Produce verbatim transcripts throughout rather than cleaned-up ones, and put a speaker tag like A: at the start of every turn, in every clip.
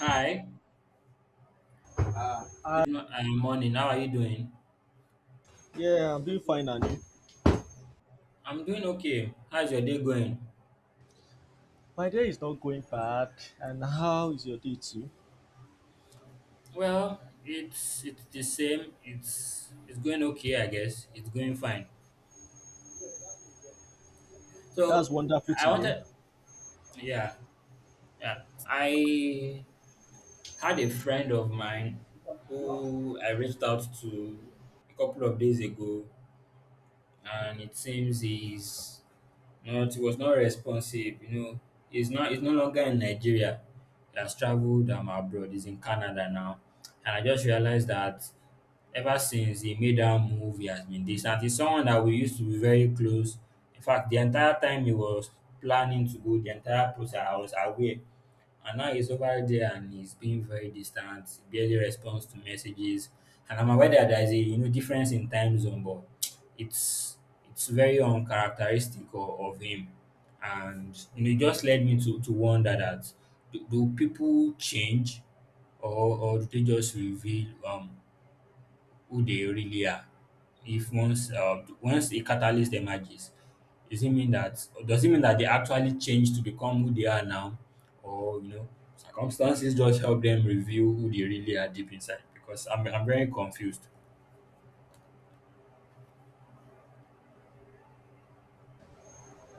A: Hi, good mo- uh, morning. How are you doing?
B: Yeah, I'm doing fine, and you?
A: I'm doing okay. How's your day going?
B: My day is not going bad. And how is your day too?
A: Well, it's it's the same. It's it's going okay, I guess. It's going fine.
B: That's
A: So
B: wonderful
A: I
B: to hear.
A: wanted, yeah, yeah. I had a friend of mine who I reached out to a couple of days ago, and it seems he's Not he was not responsive, you know. He's not he's no longer in Nigeria. He has traveled um, abroad. He's in Canada now. And I just realized that ever since he made that move, he has been distant. He's someone that we used to be very close. In fact, the entire time he was planning to go, the entire process, I was aware, and now he's over there and he's being very distant, barely responds to messages. And I'm aware that there's a you know difference in time zone, but it's it's very uncharacteristic of, of him. And you know, it just led me to, to wonder that do, do people change, or or do they just reveal um who they really are. If once uh, once a catalyst emerges, does it mean that does it mean that they actually change to become who they are now, or you know circumstances just help them reveal who they really are deep inside? Because I'm I'm very confused.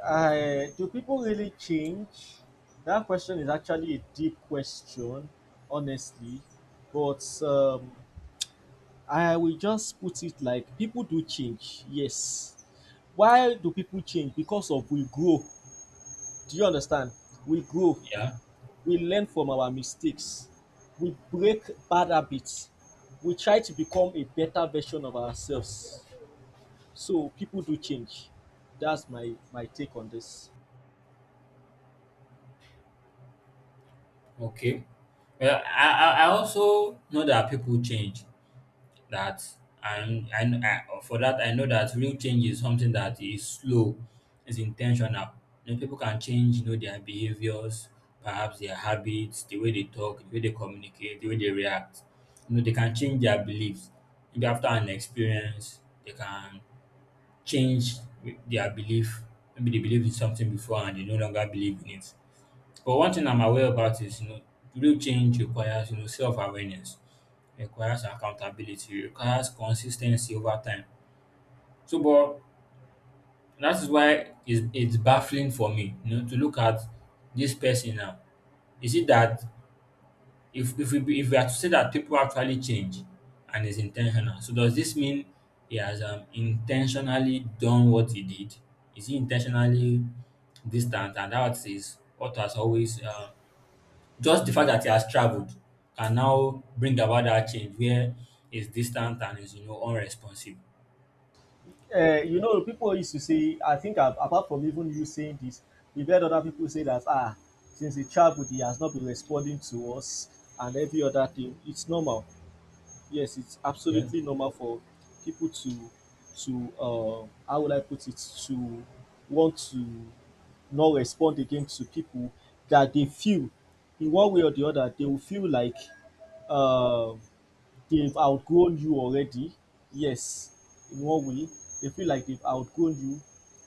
B: I, Do people really change? That question is actually a deep question, honestly. But um, I will just put it like people do change, yes. Why do people change? Because of we grow. Do you understand? We grow.
A: Yeah.
B: We learn from our mistakes, we break bad habits, we try to become a better version of ourselves. So people do change. That's my my take on this.
A: Okay. Well, I I I also know that people change. That and and I, for that I know that real change is something that is slow, is intentional. You know, people can change, you know, their behaviors, perhaps their habits, the way they talk, the way they communicate, the way they react. You know, they can change their beliefs. Maybe after an experience, they can change their belief. Maybe they believed in something before and they no longer believe in it. But one thing I'm aware about is, you know, real change requires, you know, self-awareness, requires accountability, requires consistency over time. So, but that is why it's, it's baffling for me, you know, to look at this person now. Is it that if if we be, if we are to say that people actually change and is intentional, so does this mean he has um, intentionally done what he did? Is he intentionally distant and that is what has always um, just the fact that he has traveled can now bring about that change where he's distant and is, you know, unresponsive.
B: Uh, you know, people used to say, I think a- apart from even you saying this, we've heard other people say that, ah, since a childhood, he has not been responding to us and every other thing. It's normal. Yes, it's
A: Okay.
B: absolutely normal for people to to uh, how would I put it, to want to not respond again to people that they feel in one way or the other, they will feel like um they've outgrown you already. Yes, in one way, they feel like they've outgrown you.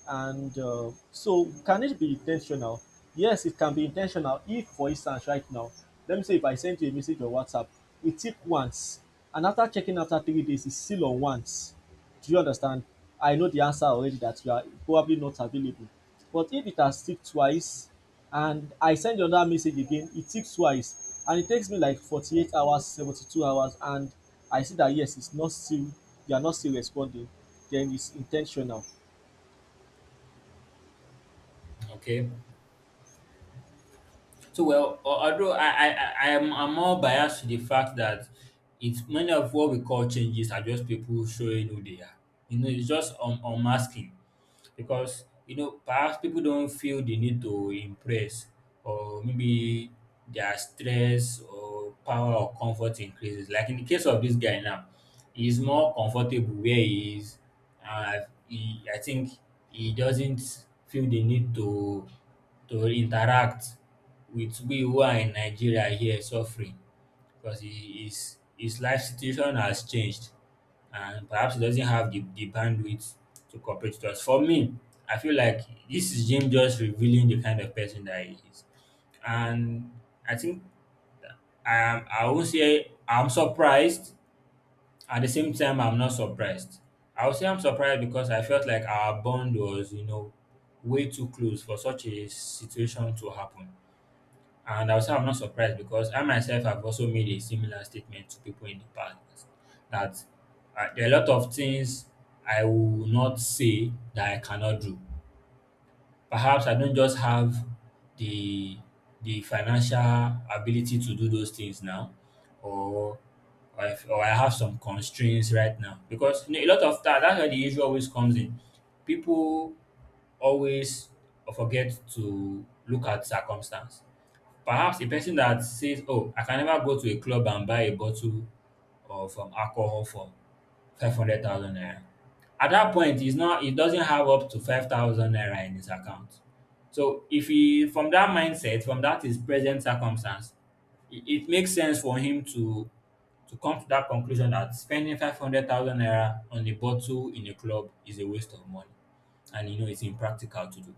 B: And uh, so, can it be intentional? Yes, it can be intentional. If, for instance, right now, let me say if I send you a message on WhatsApp, it tick once, and after checking after three days, it's still on once. Do you understand? I know the answer already that you are probably not available. But if it has ticked twice and I send you another message again, it ticks twice, and it takes me like forty-eight hours, seventy-two hours, and I see that yes, it's not still, you are not still responding, then it's intentional.
A: Okay. So well, al- although I I I am I'm more biased to the fact that it's many of what we call changes are just people showing who they are. You know, it's just un- unmasking. Because you know perhaps people don't feel the need to impress, or maybe their stress or power or comfort increases. Like in the case of this guy now, he's more comfortable where he is. uh, he, i think he doesn't feel the need to to interact with we who are in Nigeria here suffering, because he, his his life situation has changed and perhaps he doesn't have the, the bandwidth to cooperate with us. For me, I feel like this is Jim just revealing the kind of person that he is. And I think I am I will say I'm surprised. At the same time, I'm not surprised. I would say I'm surprised because I felt like our bond was, you know, way too close for such a situation to happen. And I'll say I'm not surprised because I myself have also made a similar statement to people in the past that uh, there are a lot of things I will not say that I cannot do. Perhaps I don't just have the the financial ability to do those things now, or or, if, or I have some constraints right now because you know, a lot of that that's where the issue always comes in. People always forget to look at circumstance. Perhaps a person that says, "Oh, I can never go to a club and buy a bottle of um, alcohol for five hundred thousand naira." At that point, he's not he doesn't have up to five thousand naira in his account. So if he from that mindset, from that his present circumstance, it, it makes sense for him to to come to that conclusion that spending five hundred thousand naira on a bottle in a club is a waste of money, and you know it's impractical to do.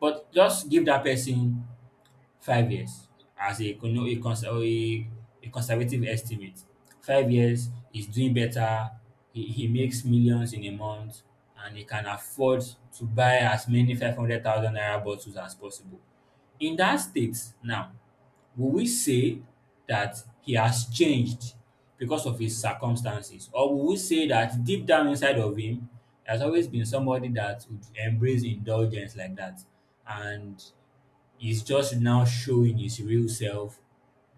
A: But just give that person five years as a econo- a cons- or a a conservative estimate. Five years, is doing better, he, he makes millions in a month, and he can afford to buy as many five hundred thousand naira bottles as possible. In that state, now, will we say that he has changed because of his circumstances, or will we say that deep down inside of him, there's always been somebody that would embrace indulgence like that? And he's just now showing his real self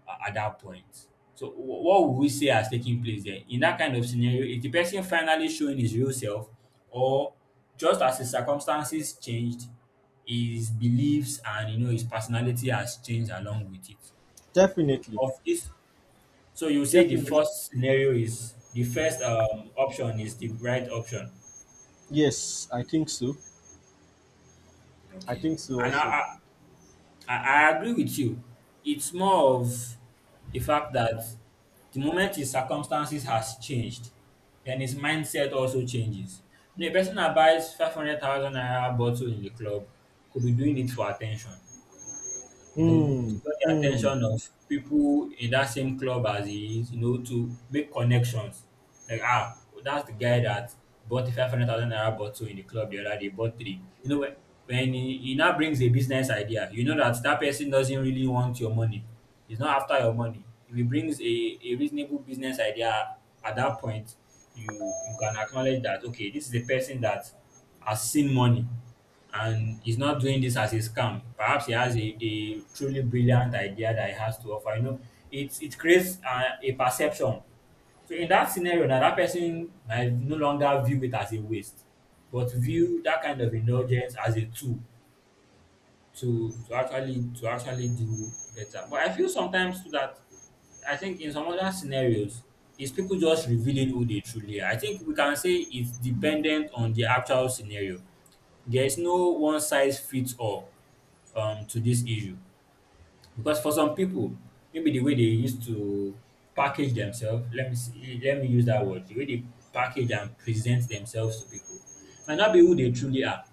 A: a- at that point. So wh- what would we say has taken place there? In that kind of scenario, is the person finally showing his real self, or just as his circumstances changed, his beliefs and you know his personality has changed along with it?
B: Definitely.
A: Of this, so you say the
B: Definitely.
A: first scenario is the first um, option is the right option.
B: Yes, I think so. I
A: Okay.
B: think so
A: And I,
B: also.
A: I, I, I agree with you. It's more of the fact that the moment his circumstances has changed, then his mindset also changes. You know, a person that buys five hundred thousand naira bottle in the club could be doing it for attention. You know,
B: Hmm.
A: to draw the
B: Hmm.
A: attention of people in that same club as he is, you know, to make connections. Like, ah, that's the guy that bought the five hundred thousand naira bottle in the club the other day, bought three. You know, when, when he, he now brings a business idea, you know that that person doesn't really want your money. He's not after your money. If he brings a, a reasonable business idea at that point, you you can acknowledge that, okay, this is the person that has seen money and he's not doing this as a scam. Perhaps he has a, a truly brilliant idea that he has to offer. You know, it it creates a, a perception. So in that scenario, now that person might no longer view it as a waste, but view that kind of indulgence as a tool to to actually to actually do better. But I feel sometimes too that I think in some other scenarios, is people just revealing who they truly are. I think we can say it's dependent on the actual scenario. There is no one size fits all um, to this issue because for some people, maybe the way they used to package themselves, let me see, let me use that word, the way they package and present themselves to people might not be who they truly are.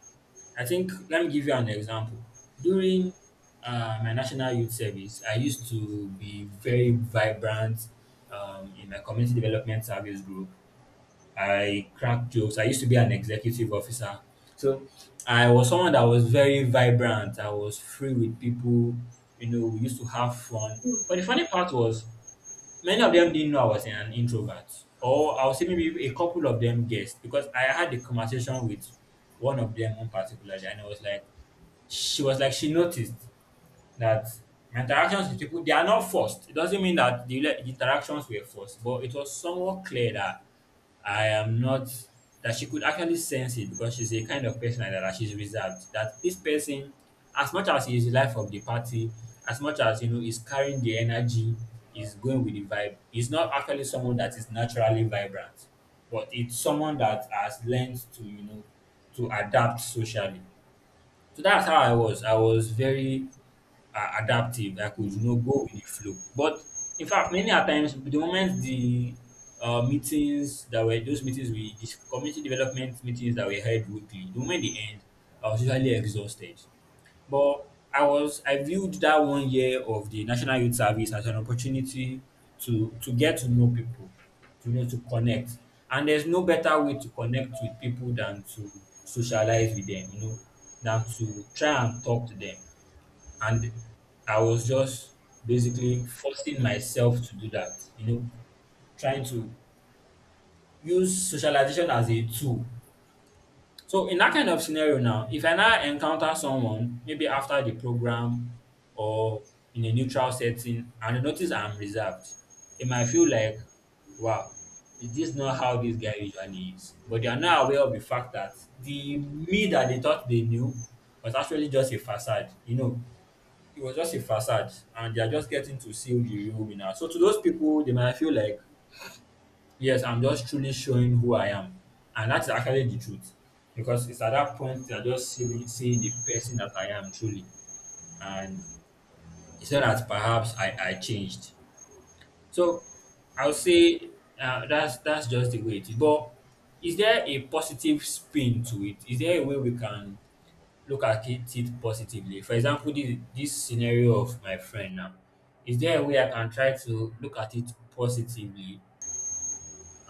A: I think let me give you an example. During uh, my National Youth Service, I used to be very vibrant um, in my community development service group. I crack jokes. I used to be an executive officer. So I was someone that was very vibrant. I was free with people. You know, we used to have fun. But the funny part was many of them didn't know I was an introvert. Or I would say maybe a couple of them guessed because I had a conversation with one of them one particular and it was like she was like she noticed that my interactions with people they are not forced. It doesn't mean that the, le- the interactions were forced, but it was somewhat clear that I am not that she could actually sense it because she's a kind of person like that, that she's reserved. That this person, as much as he is the life of the party, as much as you know, is carrying the energy, is going with the vibe, is not actually someone that is naturally vibrant, but it's someone that has learned to, you know, to adapt socially. So that's how I was. I was very uh, adaptive. I could, you know, go with the flow. But in fact, many a times, the moment the uh, meetings that were those meetings we this community development meetings that we held weekly, the moment they end, I was usually exhausted. But I was I viewed that one year of the National Youth Service as an opportunity to to get to know people, to you know to connect. And there's no better way to connect with people than to socialize with them, you know, than to try and talk to them. And I was just basically forcing myself to do that, you know, trying to use socialization as a tool. So in that kind of scenario now, if I now encounter someone maybe after the program or in a neutral setting and I notice I'm reserved, it might feel like, wow, is this not how this guy usually is? But they are not aware of the fact that the me that they thought they knew was actually just a facade. You know, it was just a facade and they are just getting to see who the real winner. So to those people, they might feel like, yes, I'm just truly showing who I am. And that's actually the truth. Because it's at that point they're just seeing, seeing the person that I am truly. And it's not that perhaps I, I changed. So I'll say uh, that's that's just the way it is. But is there a positive spin to it? Is there a way we can look at it, it positively? For example, this, this scenario of my friend now. Is there a way I can try to look at it positively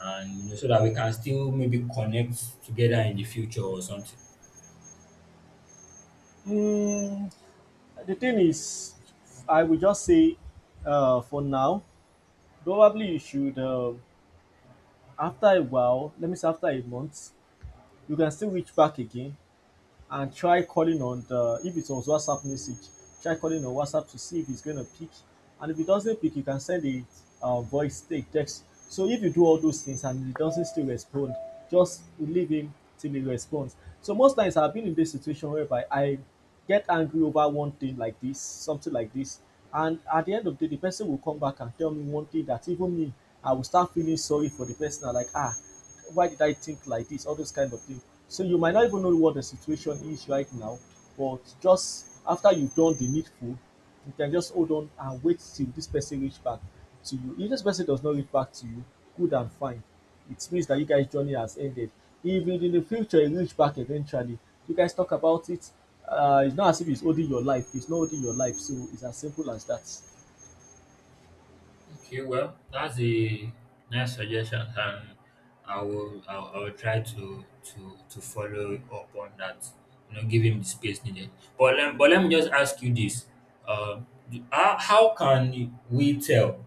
A: and you know so that we can still maybe connect together in the future or something?
B: Hmm. The thing is, I would just say, uh, for now, probably you should. Uh, After a while, let me say after a month, you can still reach back again and try calling on the, if it was WhatsApp message, try calling on WhatsApp to see if it's gonna pick. And if it doesn't pick, you can send a uh, voice, a text. So if you do all those things and it doesn't still respond, just leave him till he responds. So most times I've been in this situation whereby I get angry over one thing like this, something like this, and at the end of the day, the person will come back and tell me one thing that even me, I will start feeling sorry for the person. I'm like, ah, why did I think like this? All those kind of things. So you might not even know what the situation is right now, but just after you've done the needful, you can just hold on and wait till this person reach back to you. If this person does not reach back to you, good and fine. It means that you guys' journey has ended. If in the future you reach back eventually, you guys talk about it. Uh, it's not as if it's holding your life. It's not holding your life, so it's as simple as that.
A: Okay, well, that's a nice suggestion, and I will I will I will try to to to follow up on that. You know, give him the space needed. But let, but let me just ask you this: uh, do- how how can we tell?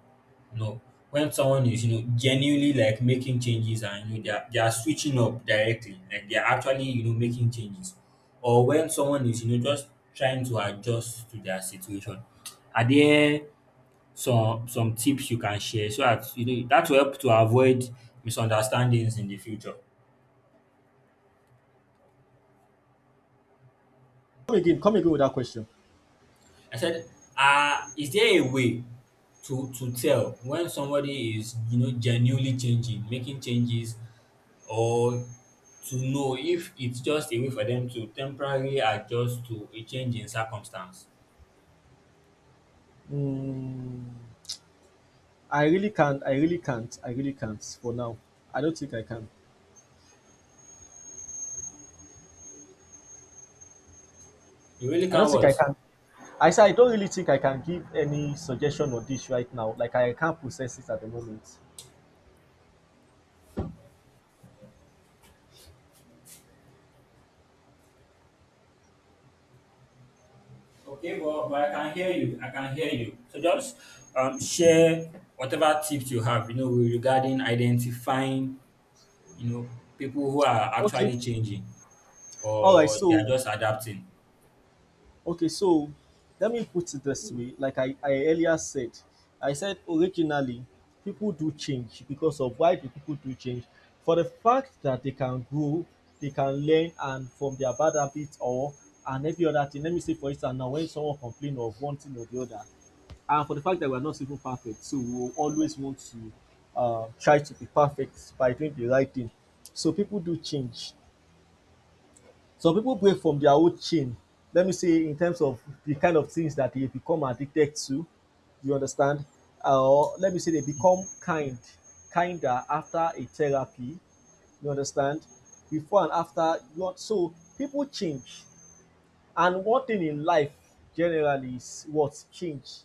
A: You know, when someone is you know genuinely like making changes and you know, they are, they are switching up directly, like they are actually you know making changes, or when someone is you know just trying to adjust to their situation. Are there some some tips you can share so that you know that will help to avoid misunderstandings in the future?
B: Come again. Come again with that question.
A: I said, um is there a way to to tell when somebody is you know genuinely changing, making changes, or to know if it's just a way for them to temporarily adjust to a change in circumstance?
B: Mm. I really can't. I really can't. I really can't for now. I don't think I can.
A: You really
B: I don't
A: can
B: think I
A: what?
B: can. I say I don't really think I can give any suggestion on this right now. Like I can't process it at the moment.
A: Okay, but but I can hear you, I can hear you. So just um share whatever tips you have you know regarding identifying You know, people who are
B: Okay.
A: actually changing
B: All right.
A: or they are
B: So
A: just adapting.
B: okay. So let me put it this way. Like I, I earlier said, I said originally people do change because of why do people do change? For the fact that they can grow, they can learn, and from their bad habits or and every other thing. Let me say for instance now when someone complain of one thing or the other, and for the fact that we are not even perfect, so we will always want to uh, try to be perfect by doing the right thing. So people do change. Some people break from their old chain, let me say in terms of the kind of things that they become addicted to, you understand. Uh, or uh, Let me say they become kind kinder after a therapy, you understand, before and after you. So people change. And one thing in life generally is what change.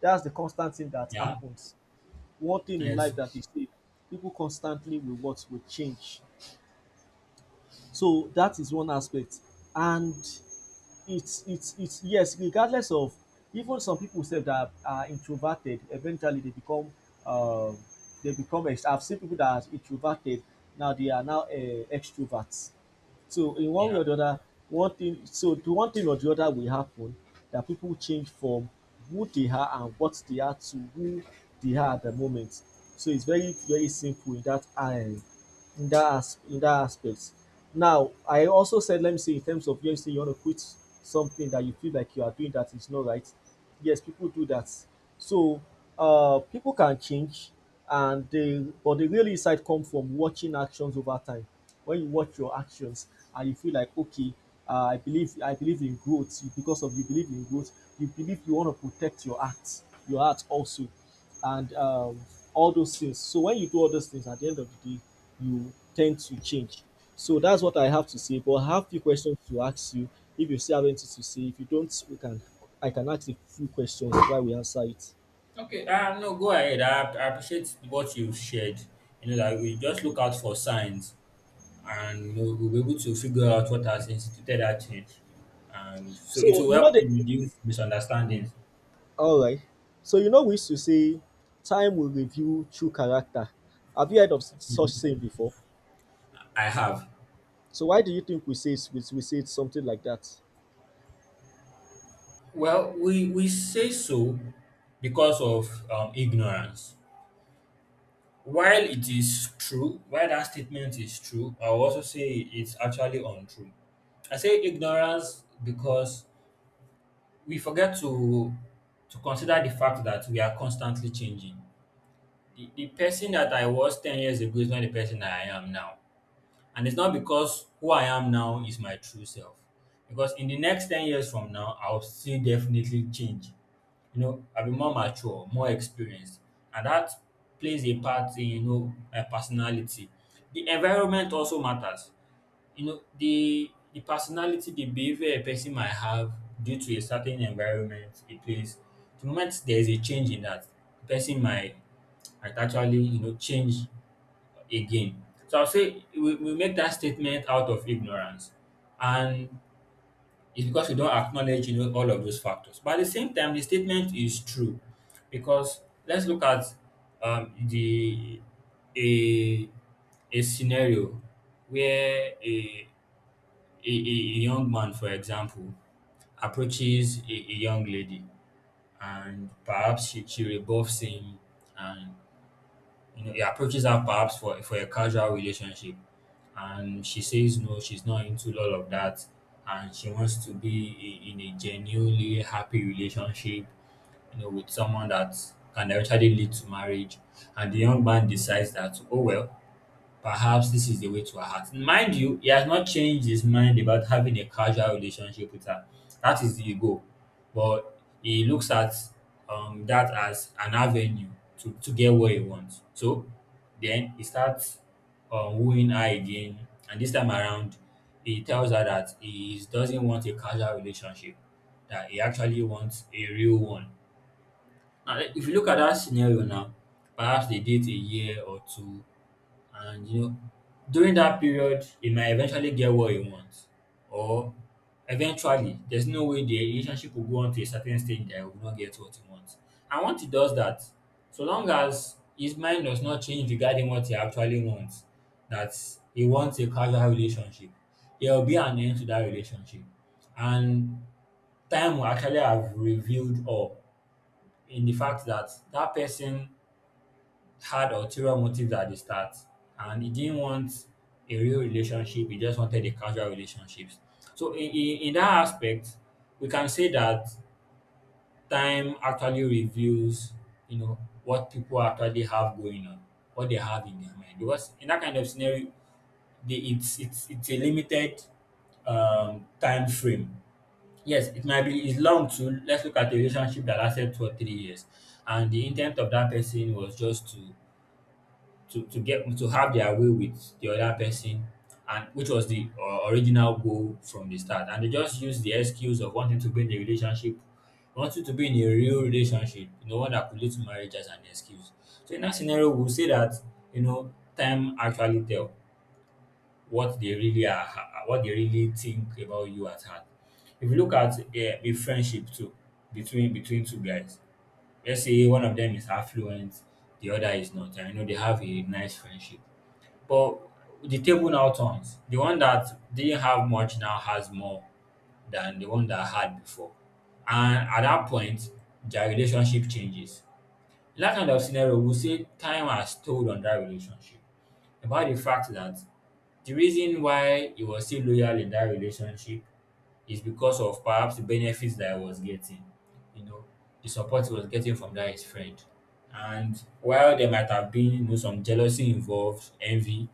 B: That's the constant thing that
A: Yeah.
B: happens. One thing in
A: Yes.
B: life that is safe. People constantly will what will change. So that is one aspect. And it's it's it's yes, regardless of even some people say that are introverted, eventually they become um they become ex- I've seen people that are introverted, now they are now uh, extroverts. So in one way
A: Yeah.
B: or the other, one thing, so the one thing or the other will happen, that people change from who they are and what they are to who they are at the moment. So it's very, very simple in that uh, in that as in that aspect. Now, I also said, let me say, in terms of yes, say you want to quit something that you feel like you are doing that is not right. Yes, people do that. So, uh, people can change, and they but the real insight come from watching actions over time. When you watch your actions and you feel like, okay, uh, I believe I believe in growth. You- Because of you believe in growth, you believe you want to protect your act, your act also, and um, all those things. So when you do all those things, at the end of the day, you tend to change. So that's what I have to say. But I have a few questions to ask you. If you still have anything to say, if you don't, we can. I can ask a few questions while we answer it.
A: Okay. Uh, no, go ahead. I, ap- I appreciate what you've shared. You know, that we just look out for signs and you know, we'll be able to figure out what has instituted that change. And so it
B: So
A: will
B: you know
A: help
B: the,
A: to reduce misunderstandings.
B: all right. So you know we used to say, time will reveal true character. Have you heard of such
A: Yes.
B: saying before?
A: I have.
B: So why do you think we say it's- we, we say it's something like that?
A: Well, we, we say so because of um, ignorance. While it is true, while that statement is true, I will also say it's actually untrue. I say ignorance because we forget to to consider the fact that we are constantly changing. The, the person that I was ten years ago is not the person that I am now. And it's not because who I am now is my true self. Because in the next ten years from now, I'll still definitely change. You know, I'll be more mature, more experienced. And that plays a part in, you know, my personality. The environment also matters. You know, the the personality, the behavior a person might have due to a certain environment, a place. The moment there is a change in that, the person might might actually, you know, change again. So I'll say we, we make that statement out of ignorance. And it's because we don't acknowledge, you know, all of those factors. But at the same time, the statement is true because let's look at um, the a a scenario where a, a, a a young man, for example, approaches a, a young lady and perhaps she, she rebuffs him and you know, he approaches her perhaps for for a casual relationship, and she says no, she's not into all of that, and she wants to be i- in a genuinely happy relationship, you know, with someone that can eventually lead to marriage. And the young man decides that, oh well, perhaps this is the way to her heart. Mind you, he has not changed his mind about having a casual relationship with her. That is the goal. But he looks at um, that as an avenue to, to get what he wants. So then he starts um, wooing her again. And this time around, he tells her that he doesn't want a casual relationship, that he actually wants a real one. Now, if you look at that scenario now, perhaps they date a year or two, and you know, during that period, he might eventually get what he wants, or eventually, there's no way the relationship will go on to a certain stage that he will not get what he wants. And once he does that, so long as his mind does not change regarding what he actually wants, that he wants a casual relationship, there will be an end to that relationship. And time will actually have revealed all in the fact that that person had ulterior motives at the start and he didn't want a real relationship. He just wanted a casual relationships. So in, in, in that aspect, we can say that time actually reveals, you know, what people actually have going on, what they have in their mind. Because in that kind of scenario, they, it's it's it's a limited um, time frame. Yes, it might be it's long too. Let's look at a relationship that lasted two or three years, and the intent of that person was just to to to get to have their way with the other person, and which was the uh, original goal from the start. And they just use the excuse of wanting to be in a relationship, wanting to be in a real relationship, you know one that could lead to marriage, as an excuse. So in that scenario, we'll say that you know time actually tell what they really are, what they really think about you at heart. If you look at a, a friendship too, between between two guys, let's say one of them is affluent, the other is not, and you know they have a nice friendship. But the table now turns. The one that didn't have much now has more than the one that had before. And at that point, their relationship changes. In that kind of scenario, we say time has told on that relationship, about the fact that the reason why he was still loyal in that relationship is because of perhaps the benefits that I was getting, you know, the support he was getting from that his friend. And while there might have been you know, some jealousy involved, envy,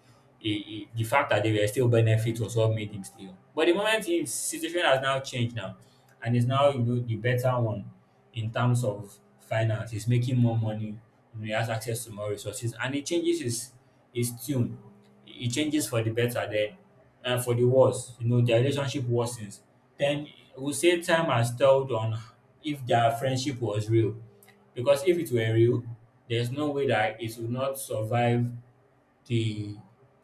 A: I I the fact that they were still benefits was what made him stay on. But the moment his situation has now changed now, and is now you know the better one in terms of finance, he's making more money, you know, he has access to more resources, and he changes his his tune. He changes for the better. Then um for di wars you know dia relationship worsens. Then we will say time has told on if their friendship was real, because if it were real, there's no way that it would not survive the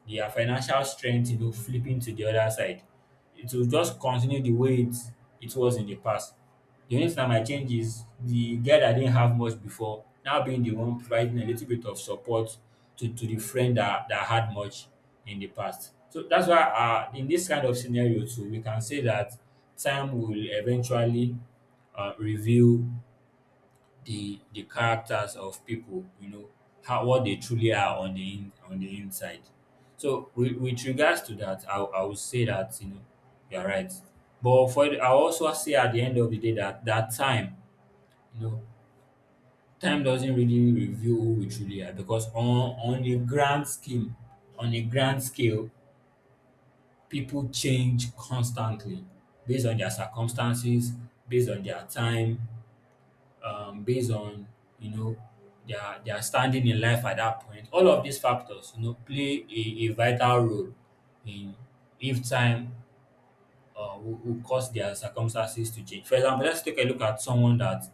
A: their financial strength, you know, flipping to the other side. It will just continue the way it it was in the past. The only thing that might change is the guy that didn't have much before now being the one providing a little bit of support to, to the friend that, that had much in the past. So that's why uh, in this kind of scenario too, we can say that time will eventually uh, reveal the the characters of people, you know, how what they truly are on the in, on the inside. So with, with regards to that, I, I would say that you know you're right. But for the- I also say at the end of the day that that time, you know, time doesn't really reveal who we truly are, because on on a grand scheme, on a grand scale, people change constantly based on their circumstances, based on their time, um, based on you know their their standing in life at that point. All of these factors, you know, play a, a vital role in if time uh, will, will cause their circumstances to change. For example, let's take a look at someone that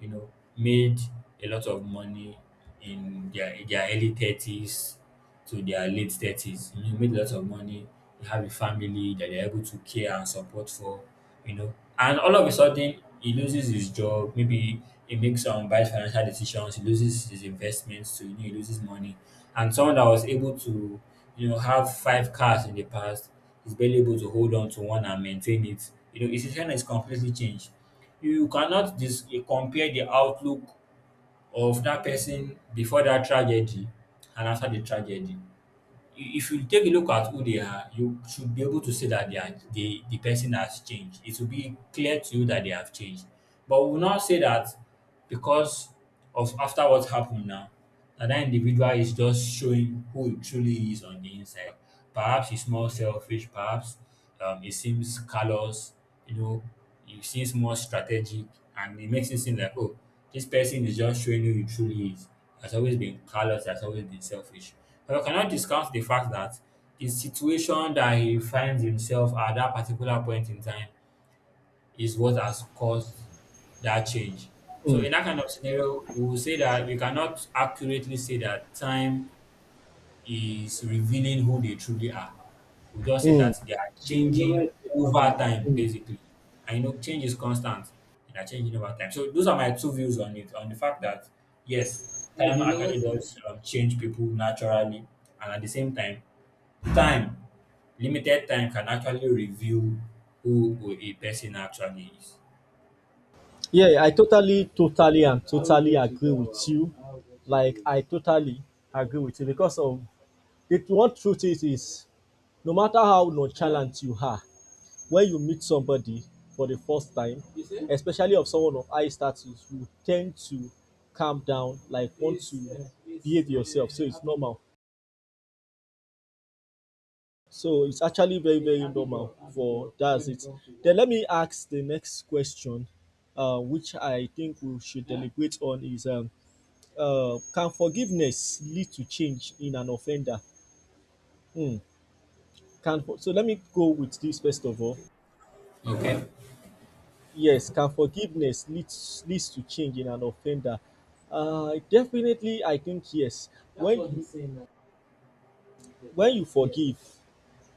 A: you know made a lot of money in their in their early thirties to their late thirties. You know, made lots of money. They have a family that they're able to care and support for. You know, and all of a sudden he loses his job. Maybe he makes some bad financial decisions. He loses his investments. So you know, he loses money. And someone that was able to you know, have five cars in the past is barely able to hold on to one and maintain it. You know, his situation is completely changed. You cannot dis- compare the outlook of that person before that tragedy and after the tragedy. If you take a look at who they are, you should be able to see that they are, the the person has changed. It will be clear to you that they have changed. But we will not say that because of after what happened now, that that individual is just showing who he truly is on the inside. Perhaps he's more selfish, perhaps um, he seems callous, you know, you seems more strategic and it makes it seem like, oh, this person is just showing you who he truly is. Has always been callous, has always been selfish. But I cannot discount the fact that the situation that he finds himself at that particular point in time is what has caused that change. So
B: Mm.
A: in that kind of scenario, we will say that we cannot accurately say that time is revealing who they truly are. We just say
B: Mm.
A: that they are
B: The
A: changing
B: lowest before
A: over
B: that.
A: time,
B: Mm.
A: basically. And you know, change is constant. They are changing over time. So those are my two views on it, on the fact that yes,
B: Uh,
A: time
B: the
A: actually
B: lowest.
A: does um, change people naturally, and at the same time, time, limited time, can actually reveal who who a person actually is.
B: Yeah, yeah, I totally, totally, and totally agree with you. Like, I totally agree with you because of the one truth is, is no matter how nonchalant you are, when you meet somebody for the first time, especially of someone of high status, you tend to calm down, like, want to behave yourself. So it's normal. So it's actually very, very normal for that's it. Then let me ask the next question, uh, which I think we should deliberate on is um, uh, can forgiveness lead to change in an offender? Hmm. Can, so let me go with this first of all.
A: Okay.
B: Yes, can forgiveness leads leads to change in an offender? Uh, definitely, I think yes. That's when what he's saying, I think. When you forgive,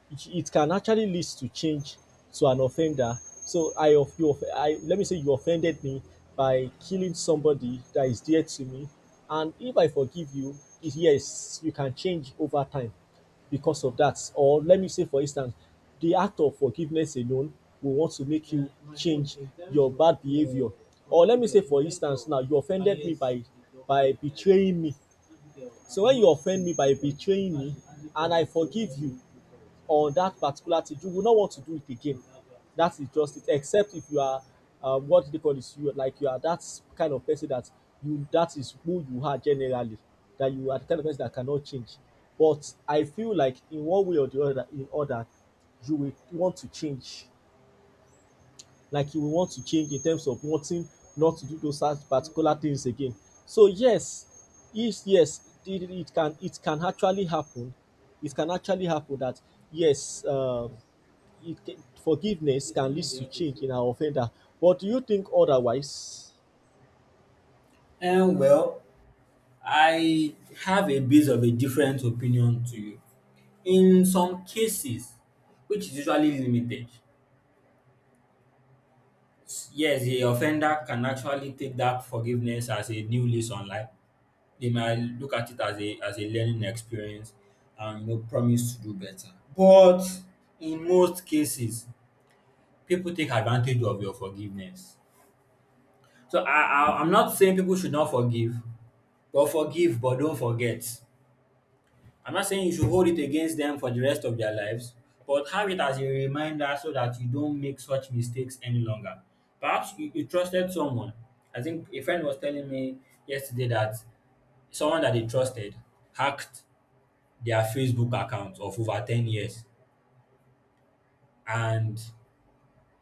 B: it can actually lead to change to an offender. So I of you, I let me say you offended me by killing somebody that is dear to me, and if I forgive you, it- yes, you can change over time because of that. Or let me say, for instance, the act of forgiveness alone will want to make you change your bad behavior. Or let me say, for instance, now you offended me by by betraying me. So when you offend me by betraying me and I forgive you on that particular thing, you will not want to do it again. That is just it. Except if you are um, what do they call this? You are like, you are that kind of person that you, that is who you are generally. That you are the kind of person that cannot change. But I feel like in one way or the other, in other, you will want to change, like you will want to change in terms of wanting not to do those such particular things again. So yes, yes, yes, it, it can, it can actually happen. It can actually happen that yes, um, it can, forgiveness can lead to change in our offender. But do you think otherwise?
A: And well, I have a bit of a different opinion to you. In some cases which is usually limited, yes, the offender can actually take that forgiveness as a new lease on life. They might look at it as a as a learning experience and you know promise to do better. But in most cases, pipu take advantage of your forgiveness. So I I I'm not saying pipu should not forgive but forgive but don't forget. I'm not saying you should hold it against them for the rest of their lives, but have it as a reminder so that you don't make such mistakes any longer. Perhaps you, you trusted someone. I think a friend was telling me yesterday that someone that they trusted hacked their Facebook account of over ten years. And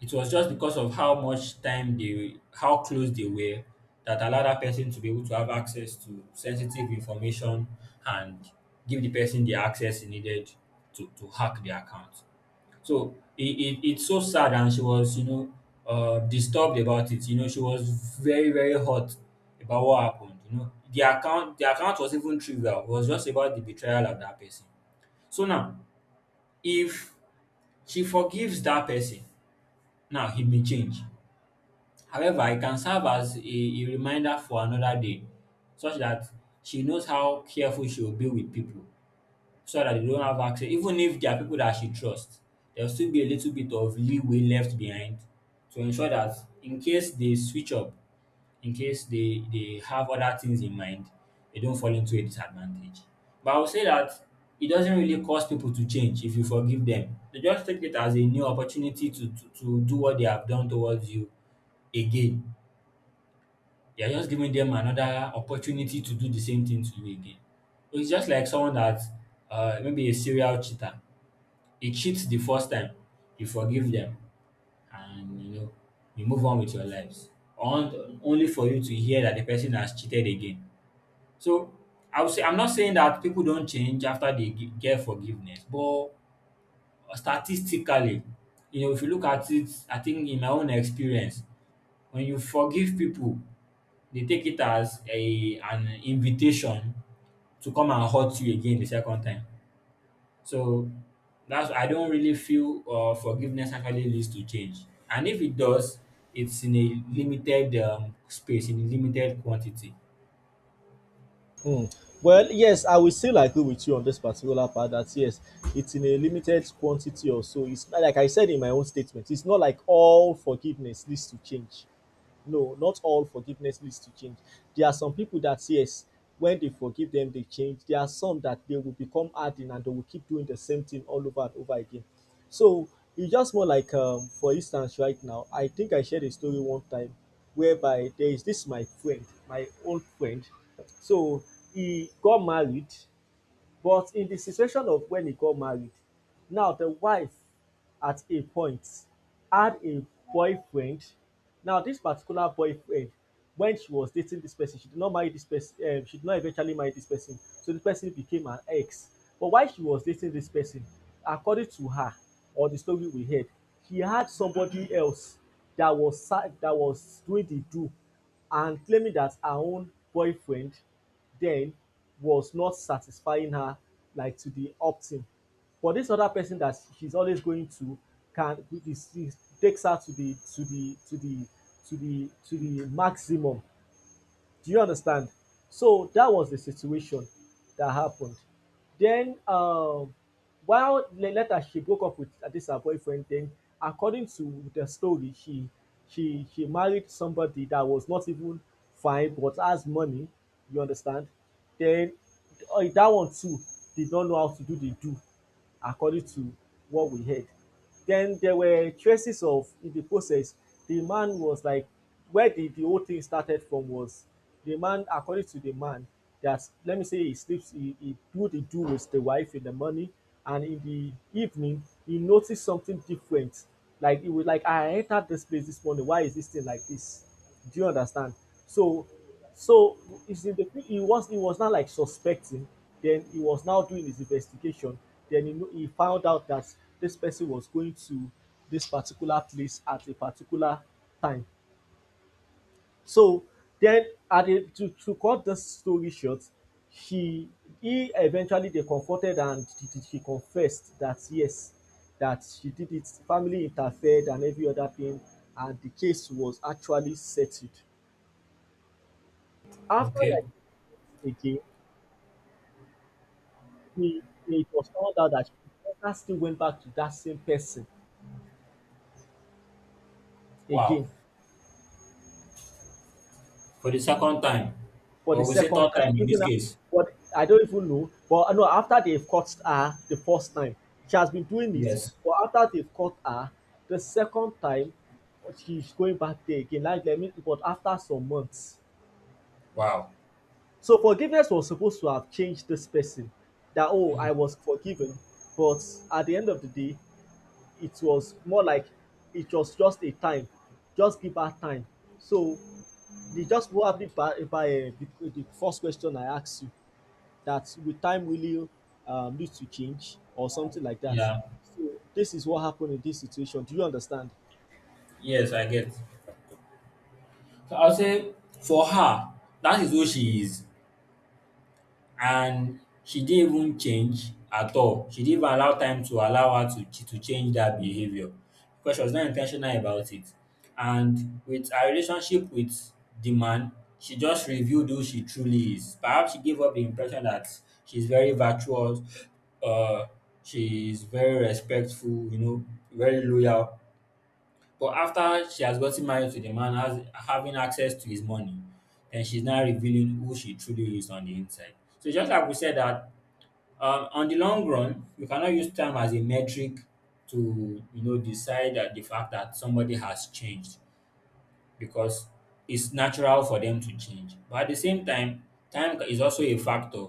A: it was just because of how much time they how close they were that allowed that person to be able to have access to sensitive information and give the person the access he needed to, to hack the account. So it, it, it's so sad and she was, you know, uh, disturbed about it. You know, she was very, very hot about what happened. You know, the account the account was even trivial. It was just about the betrayal of that person. So now, if she forgives that person, now he may change. However, it can serve as a a reminder for another day such that she knows how careful she will be with people so that they don't have access. Even if there are people that she trusts, there will still be a little bit of leeway left behind to ensure that in case they switch up, in case they they have other things in mind, they don't fall into a disadvantage. But I would say that it doesn't really cause people to change if you forgive them. They just take it as a new opportunity to to to do what they have done towards you again. You're just giving them another opportunity to do the same thing to you again. So it's just like someone that uh, maybe a serial cheater. He cheats the first time, you forgive them, and you know you move on with your lives. On, only for you to hear that the person has cheated again. So I would say I'm not saying that people don't change after they gi- get forgiveness, but statistically, you know, if you look at it, I think in my own experience, when you forgive people they take it as a an invitation to come and hurt you again the second time. So that's I don't really feel uh, forgiveness actually leads to change. And if it does, it's in a limited um, space, in a limited quantity.
B: Mm. Well, yes, I will still agree with you on this particular part that yes, it's in a limited quantity or so. It's not like I said in my own statement, it's not like all forgiveness leads to change. No, not all forgiveness leads to change. There are some people that yes, when they forgive them, they change. There are some that they will become hardened and they will keep doing the same thing all over and over again. So e just more like um for instance right now, I think I shared a story one time whereby there is this my friend my old friend. So he got married, but in the situation of when he got married, now the wife at a point had a boyfriend. Now this particular boyfriend, when she was dating this person, she did not marry this person, um, she did not eventually marry this person. So this person became her ex. But while she was dating this person, according to her or the story we heard, she had somebody else that was sa- that was doing the do and claiming that her own boyfriend then was not satisfying her, like, to the optimum. But this other person that she's always going to can takes her to the to the to the to the to the maximum. Do you understand? So that was the situation that happened. Then um while later she broke up with uh, this her boyfriend, then according to the story, she she she married somebody that was not even fine but has money, you understand? Then uh, that one too did not know how to do the do, according to what we heard. Then there were traces of in the process. The man was like where the, the whole thing started from was the man, according to the man, that let me say he sleeps, he, he do the do with the wife in the morning, and in the evening he noticed something different. Like he was like, I entered this place this morning. Why is this thing like this? Do you understand? So So it's in the he was he was now like suspecting. Then he was now doing his investigation. Then he he found out that this person was going to this particular place at a particular time. So then at the, to to cut the story short, he he eventually they confronted, and she confessed that, yes, that she did it, family interfered and every other thing, and the case was actually settled after,
A: Okay.
B: like, again. He, it was found out that she never still went back to that same person
A: Wow.
B: again
A: For the second time,
B: for the
A: or we say
B: second
A: third
B: time.
A: time in this
B: Even a-
A: case.
B: but I don't even know. But I know after they've caught her the first time, she has been doing it.
A: Yes.
B: But after they've caught her the second time, she's going back there again. Like let me, but after some months.
A: Wow.
B: So forgiveness was supposed to have changed this person. That, oh, I was forgiven, but at the end of the day, it was more like it was just a time. Just give her time. So the just what happened by, by uh, the, the first question I asked you that will time really, um, lead to change or something like that.
A: Yeah.
B: So this is what happened in this situation. Do you understand?
A: Yes, I get. So I'll say for her, that is who she is. And she didn't even change at all. She didn't even allow time to allow her to ch- to change that behavior because she was not intentional about it. And with her relationship with the man, she just revealed who she truly is. Perhaps she gave up the impression that she's very virtuous, uh, she's very respectful, you know, very loyal. But after she has gotten married to the man, has having access to his money, then she's now revealing who she truly is on the inside. So just like we said that um, on the long run, you cannot use time as a metric to you know decide that the fact that somebody has changed, because it's natural for them to change. But at the same time, time is also a factor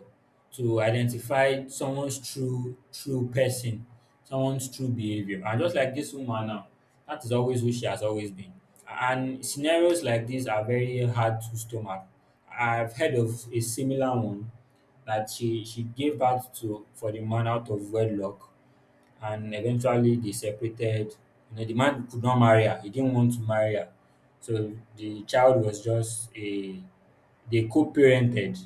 A: to identify someone's true true person, someone's true behavior. And just like this woman now, that is always who she has always been. And scenarios like this are very hard to stomach. I've heard of a similar one that she she gave birth to for the man out of wedlock and eventually they separated. You know, the man could not marry her. He didn't want to marry her. So the child was just a they co-parented.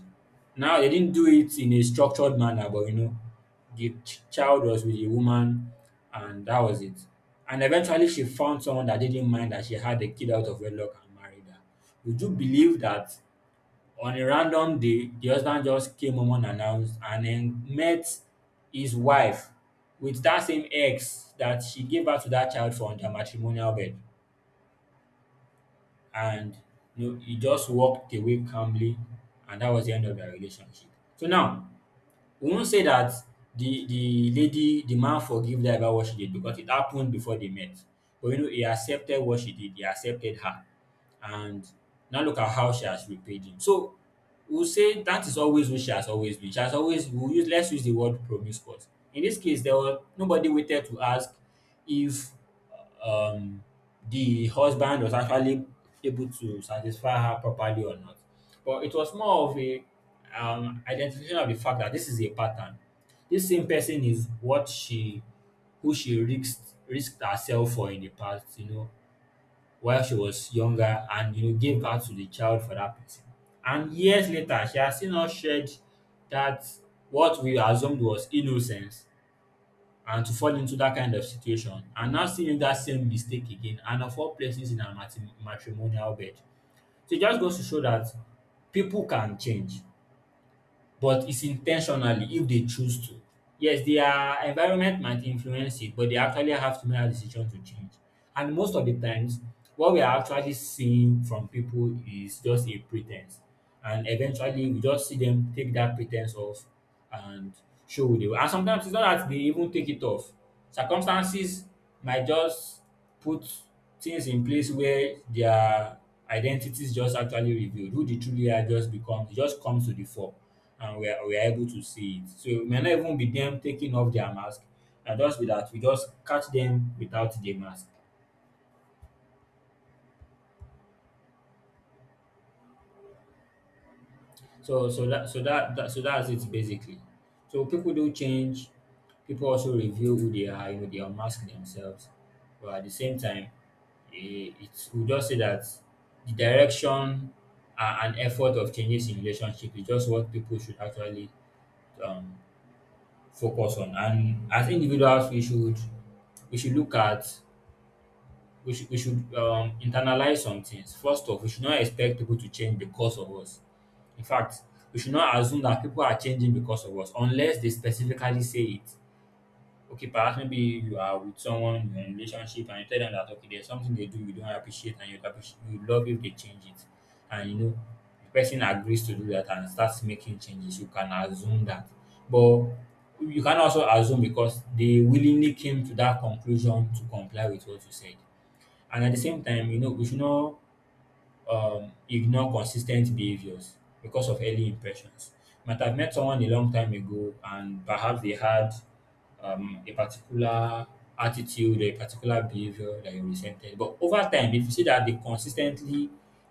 A: Now they didn't do it in a structured manner, but you know, the ch- child was with the woman, and that was it. And eventually, she found someone that didn't mind that she had a kid out of wedlock and married her. Would you believe that on a random day, the husband just came home unannounced and then met his wife with that same ex that she gave birth to that child from their matrimonial bed. And you know, he just walked away calmly, and that was the end of their relationship. So now, Wunmi said that the the lady, the man forgave her about what she did because it happened before they met. But you know, he accepted what she did, he accepted her. And now look at how she has repaid him. So we'll say that is always who she has always been. She has always we'll use let's use the word promiscuous. In this case, there was nobody waited to ask if um the husband was actually able to satisfy her properly or not. But it was more of a um, identification of the fact that this is a pattern. This same person is what she, who she risked risked herself for in the past, you know, while she was younger, and you know gave birth to the child for that person. And years later, she has still not shared that what we assumed was innocence, and to fall into that kind of situation and now still make that same mistake again and of all places in her matri- matrimonial bed. So it just goes to show that people can change, but it's intentionally if they choose to. Yes, their environment might influence it, but they actually have to make a decision to change. And most of the times, what we are actually seeing from people is just a pretense. And eventually, we just see them take that pretense off and show who they were. And sometimes it's not that they even take it off. Circumstances might just put things in place where their identities just actually revealed. Who they truly are just becomes just comes to the fore, and we are we are able to see it. So it may not even be them taking off their mask, and just be that we just catch them without the mask. So so that so that, that so that's it basically. So people do change. People also reveal who they are. You know, they unmask themselves. But at the same time, eh, it's we just say that the direction a- and effort of changes in relationship is just what people should actually um, focus on. And as individuals, we should we should look at we should we should um internalize some things. First off, we should not expect people to change because of us. In fact, we should not assume that people are changing because of us unless they specifically say it. Okay, perhaps maybe you are with someone you're in a relationship and you tell them that okay, there's something they do you don't appreciate and you'd appreciate you love if they change it. And you know, the person agrees to do that and starts making changes, you can assume that. But you can also assume because they willingly came to that conclusion to comply with what you said. And at the same time, you know, we should not um, ignore consistent behaviors because of early impressions. You might have met someone a long time ago, and perhaps they had um, a particular attitude, a particular behavior that you resented. But over time, if you see that they consistently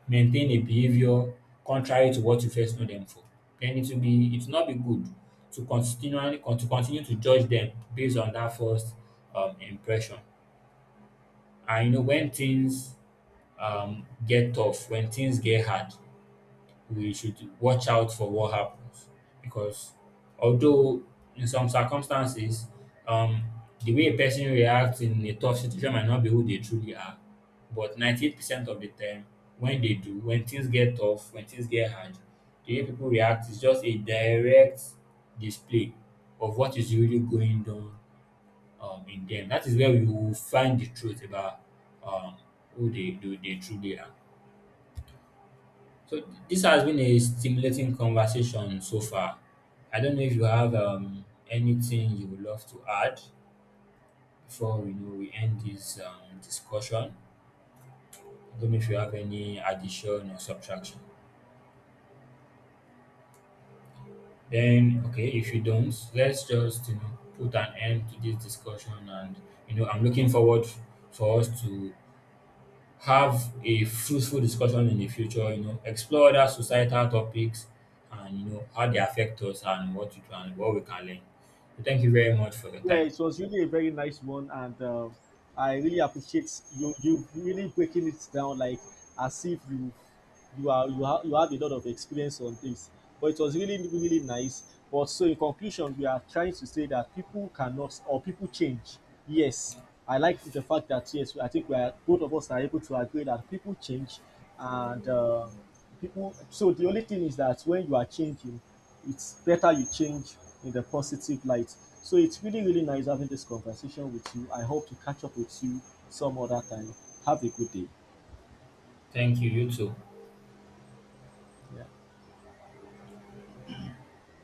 A: maintain a behavior contrary to what you first know them for, then it will be it will not be good to continually con- to continue to judge them based on that first um, impression. And you know when things um, get tough, when things get hard, we should watch out for what happens. Because although in some circumstances, um, the way a person reacts in a tough situation might not be who they truly are, but ninety-eight percent of the time, when they do, when things get tough, when things get hard, the way people react is just a direct display of what is really going on um, in them. That is where we will find the truth about um, who they, they, they truly are. So this has been a stimulating conversation so far. I don't know if you have um, anything you would love to add before we know we end this um, discussion. I don't know if you have any addition or subtraction. Then okay, if you don't, let's just you know put an end to this discussion and you know I'm looking forward for us to have a fruitful discussion in the future, you know, explore other societal topics and you know how they affect us and what we can what we can learn. So thank you very much for your
B: Yeah,
A: time.
B: it was really a very nice one, and, uh, I really appreciate you, you really breaking it down like as if you you are you have you have a lot of experience on this. But it was really, really nice. But so in conclusion, we are trying to say that people cannot or people change. Yes, I like the fact that, yes, I think we are both of us are able to agree that people change, and, uh, people. So the only thing is that when you are changing, it's better you change in the positive light. So it's really, really nice having this conversation with you. I hope to catch up with you some other time. Have a good day.
A: Thank you, you too.
B: Yeah.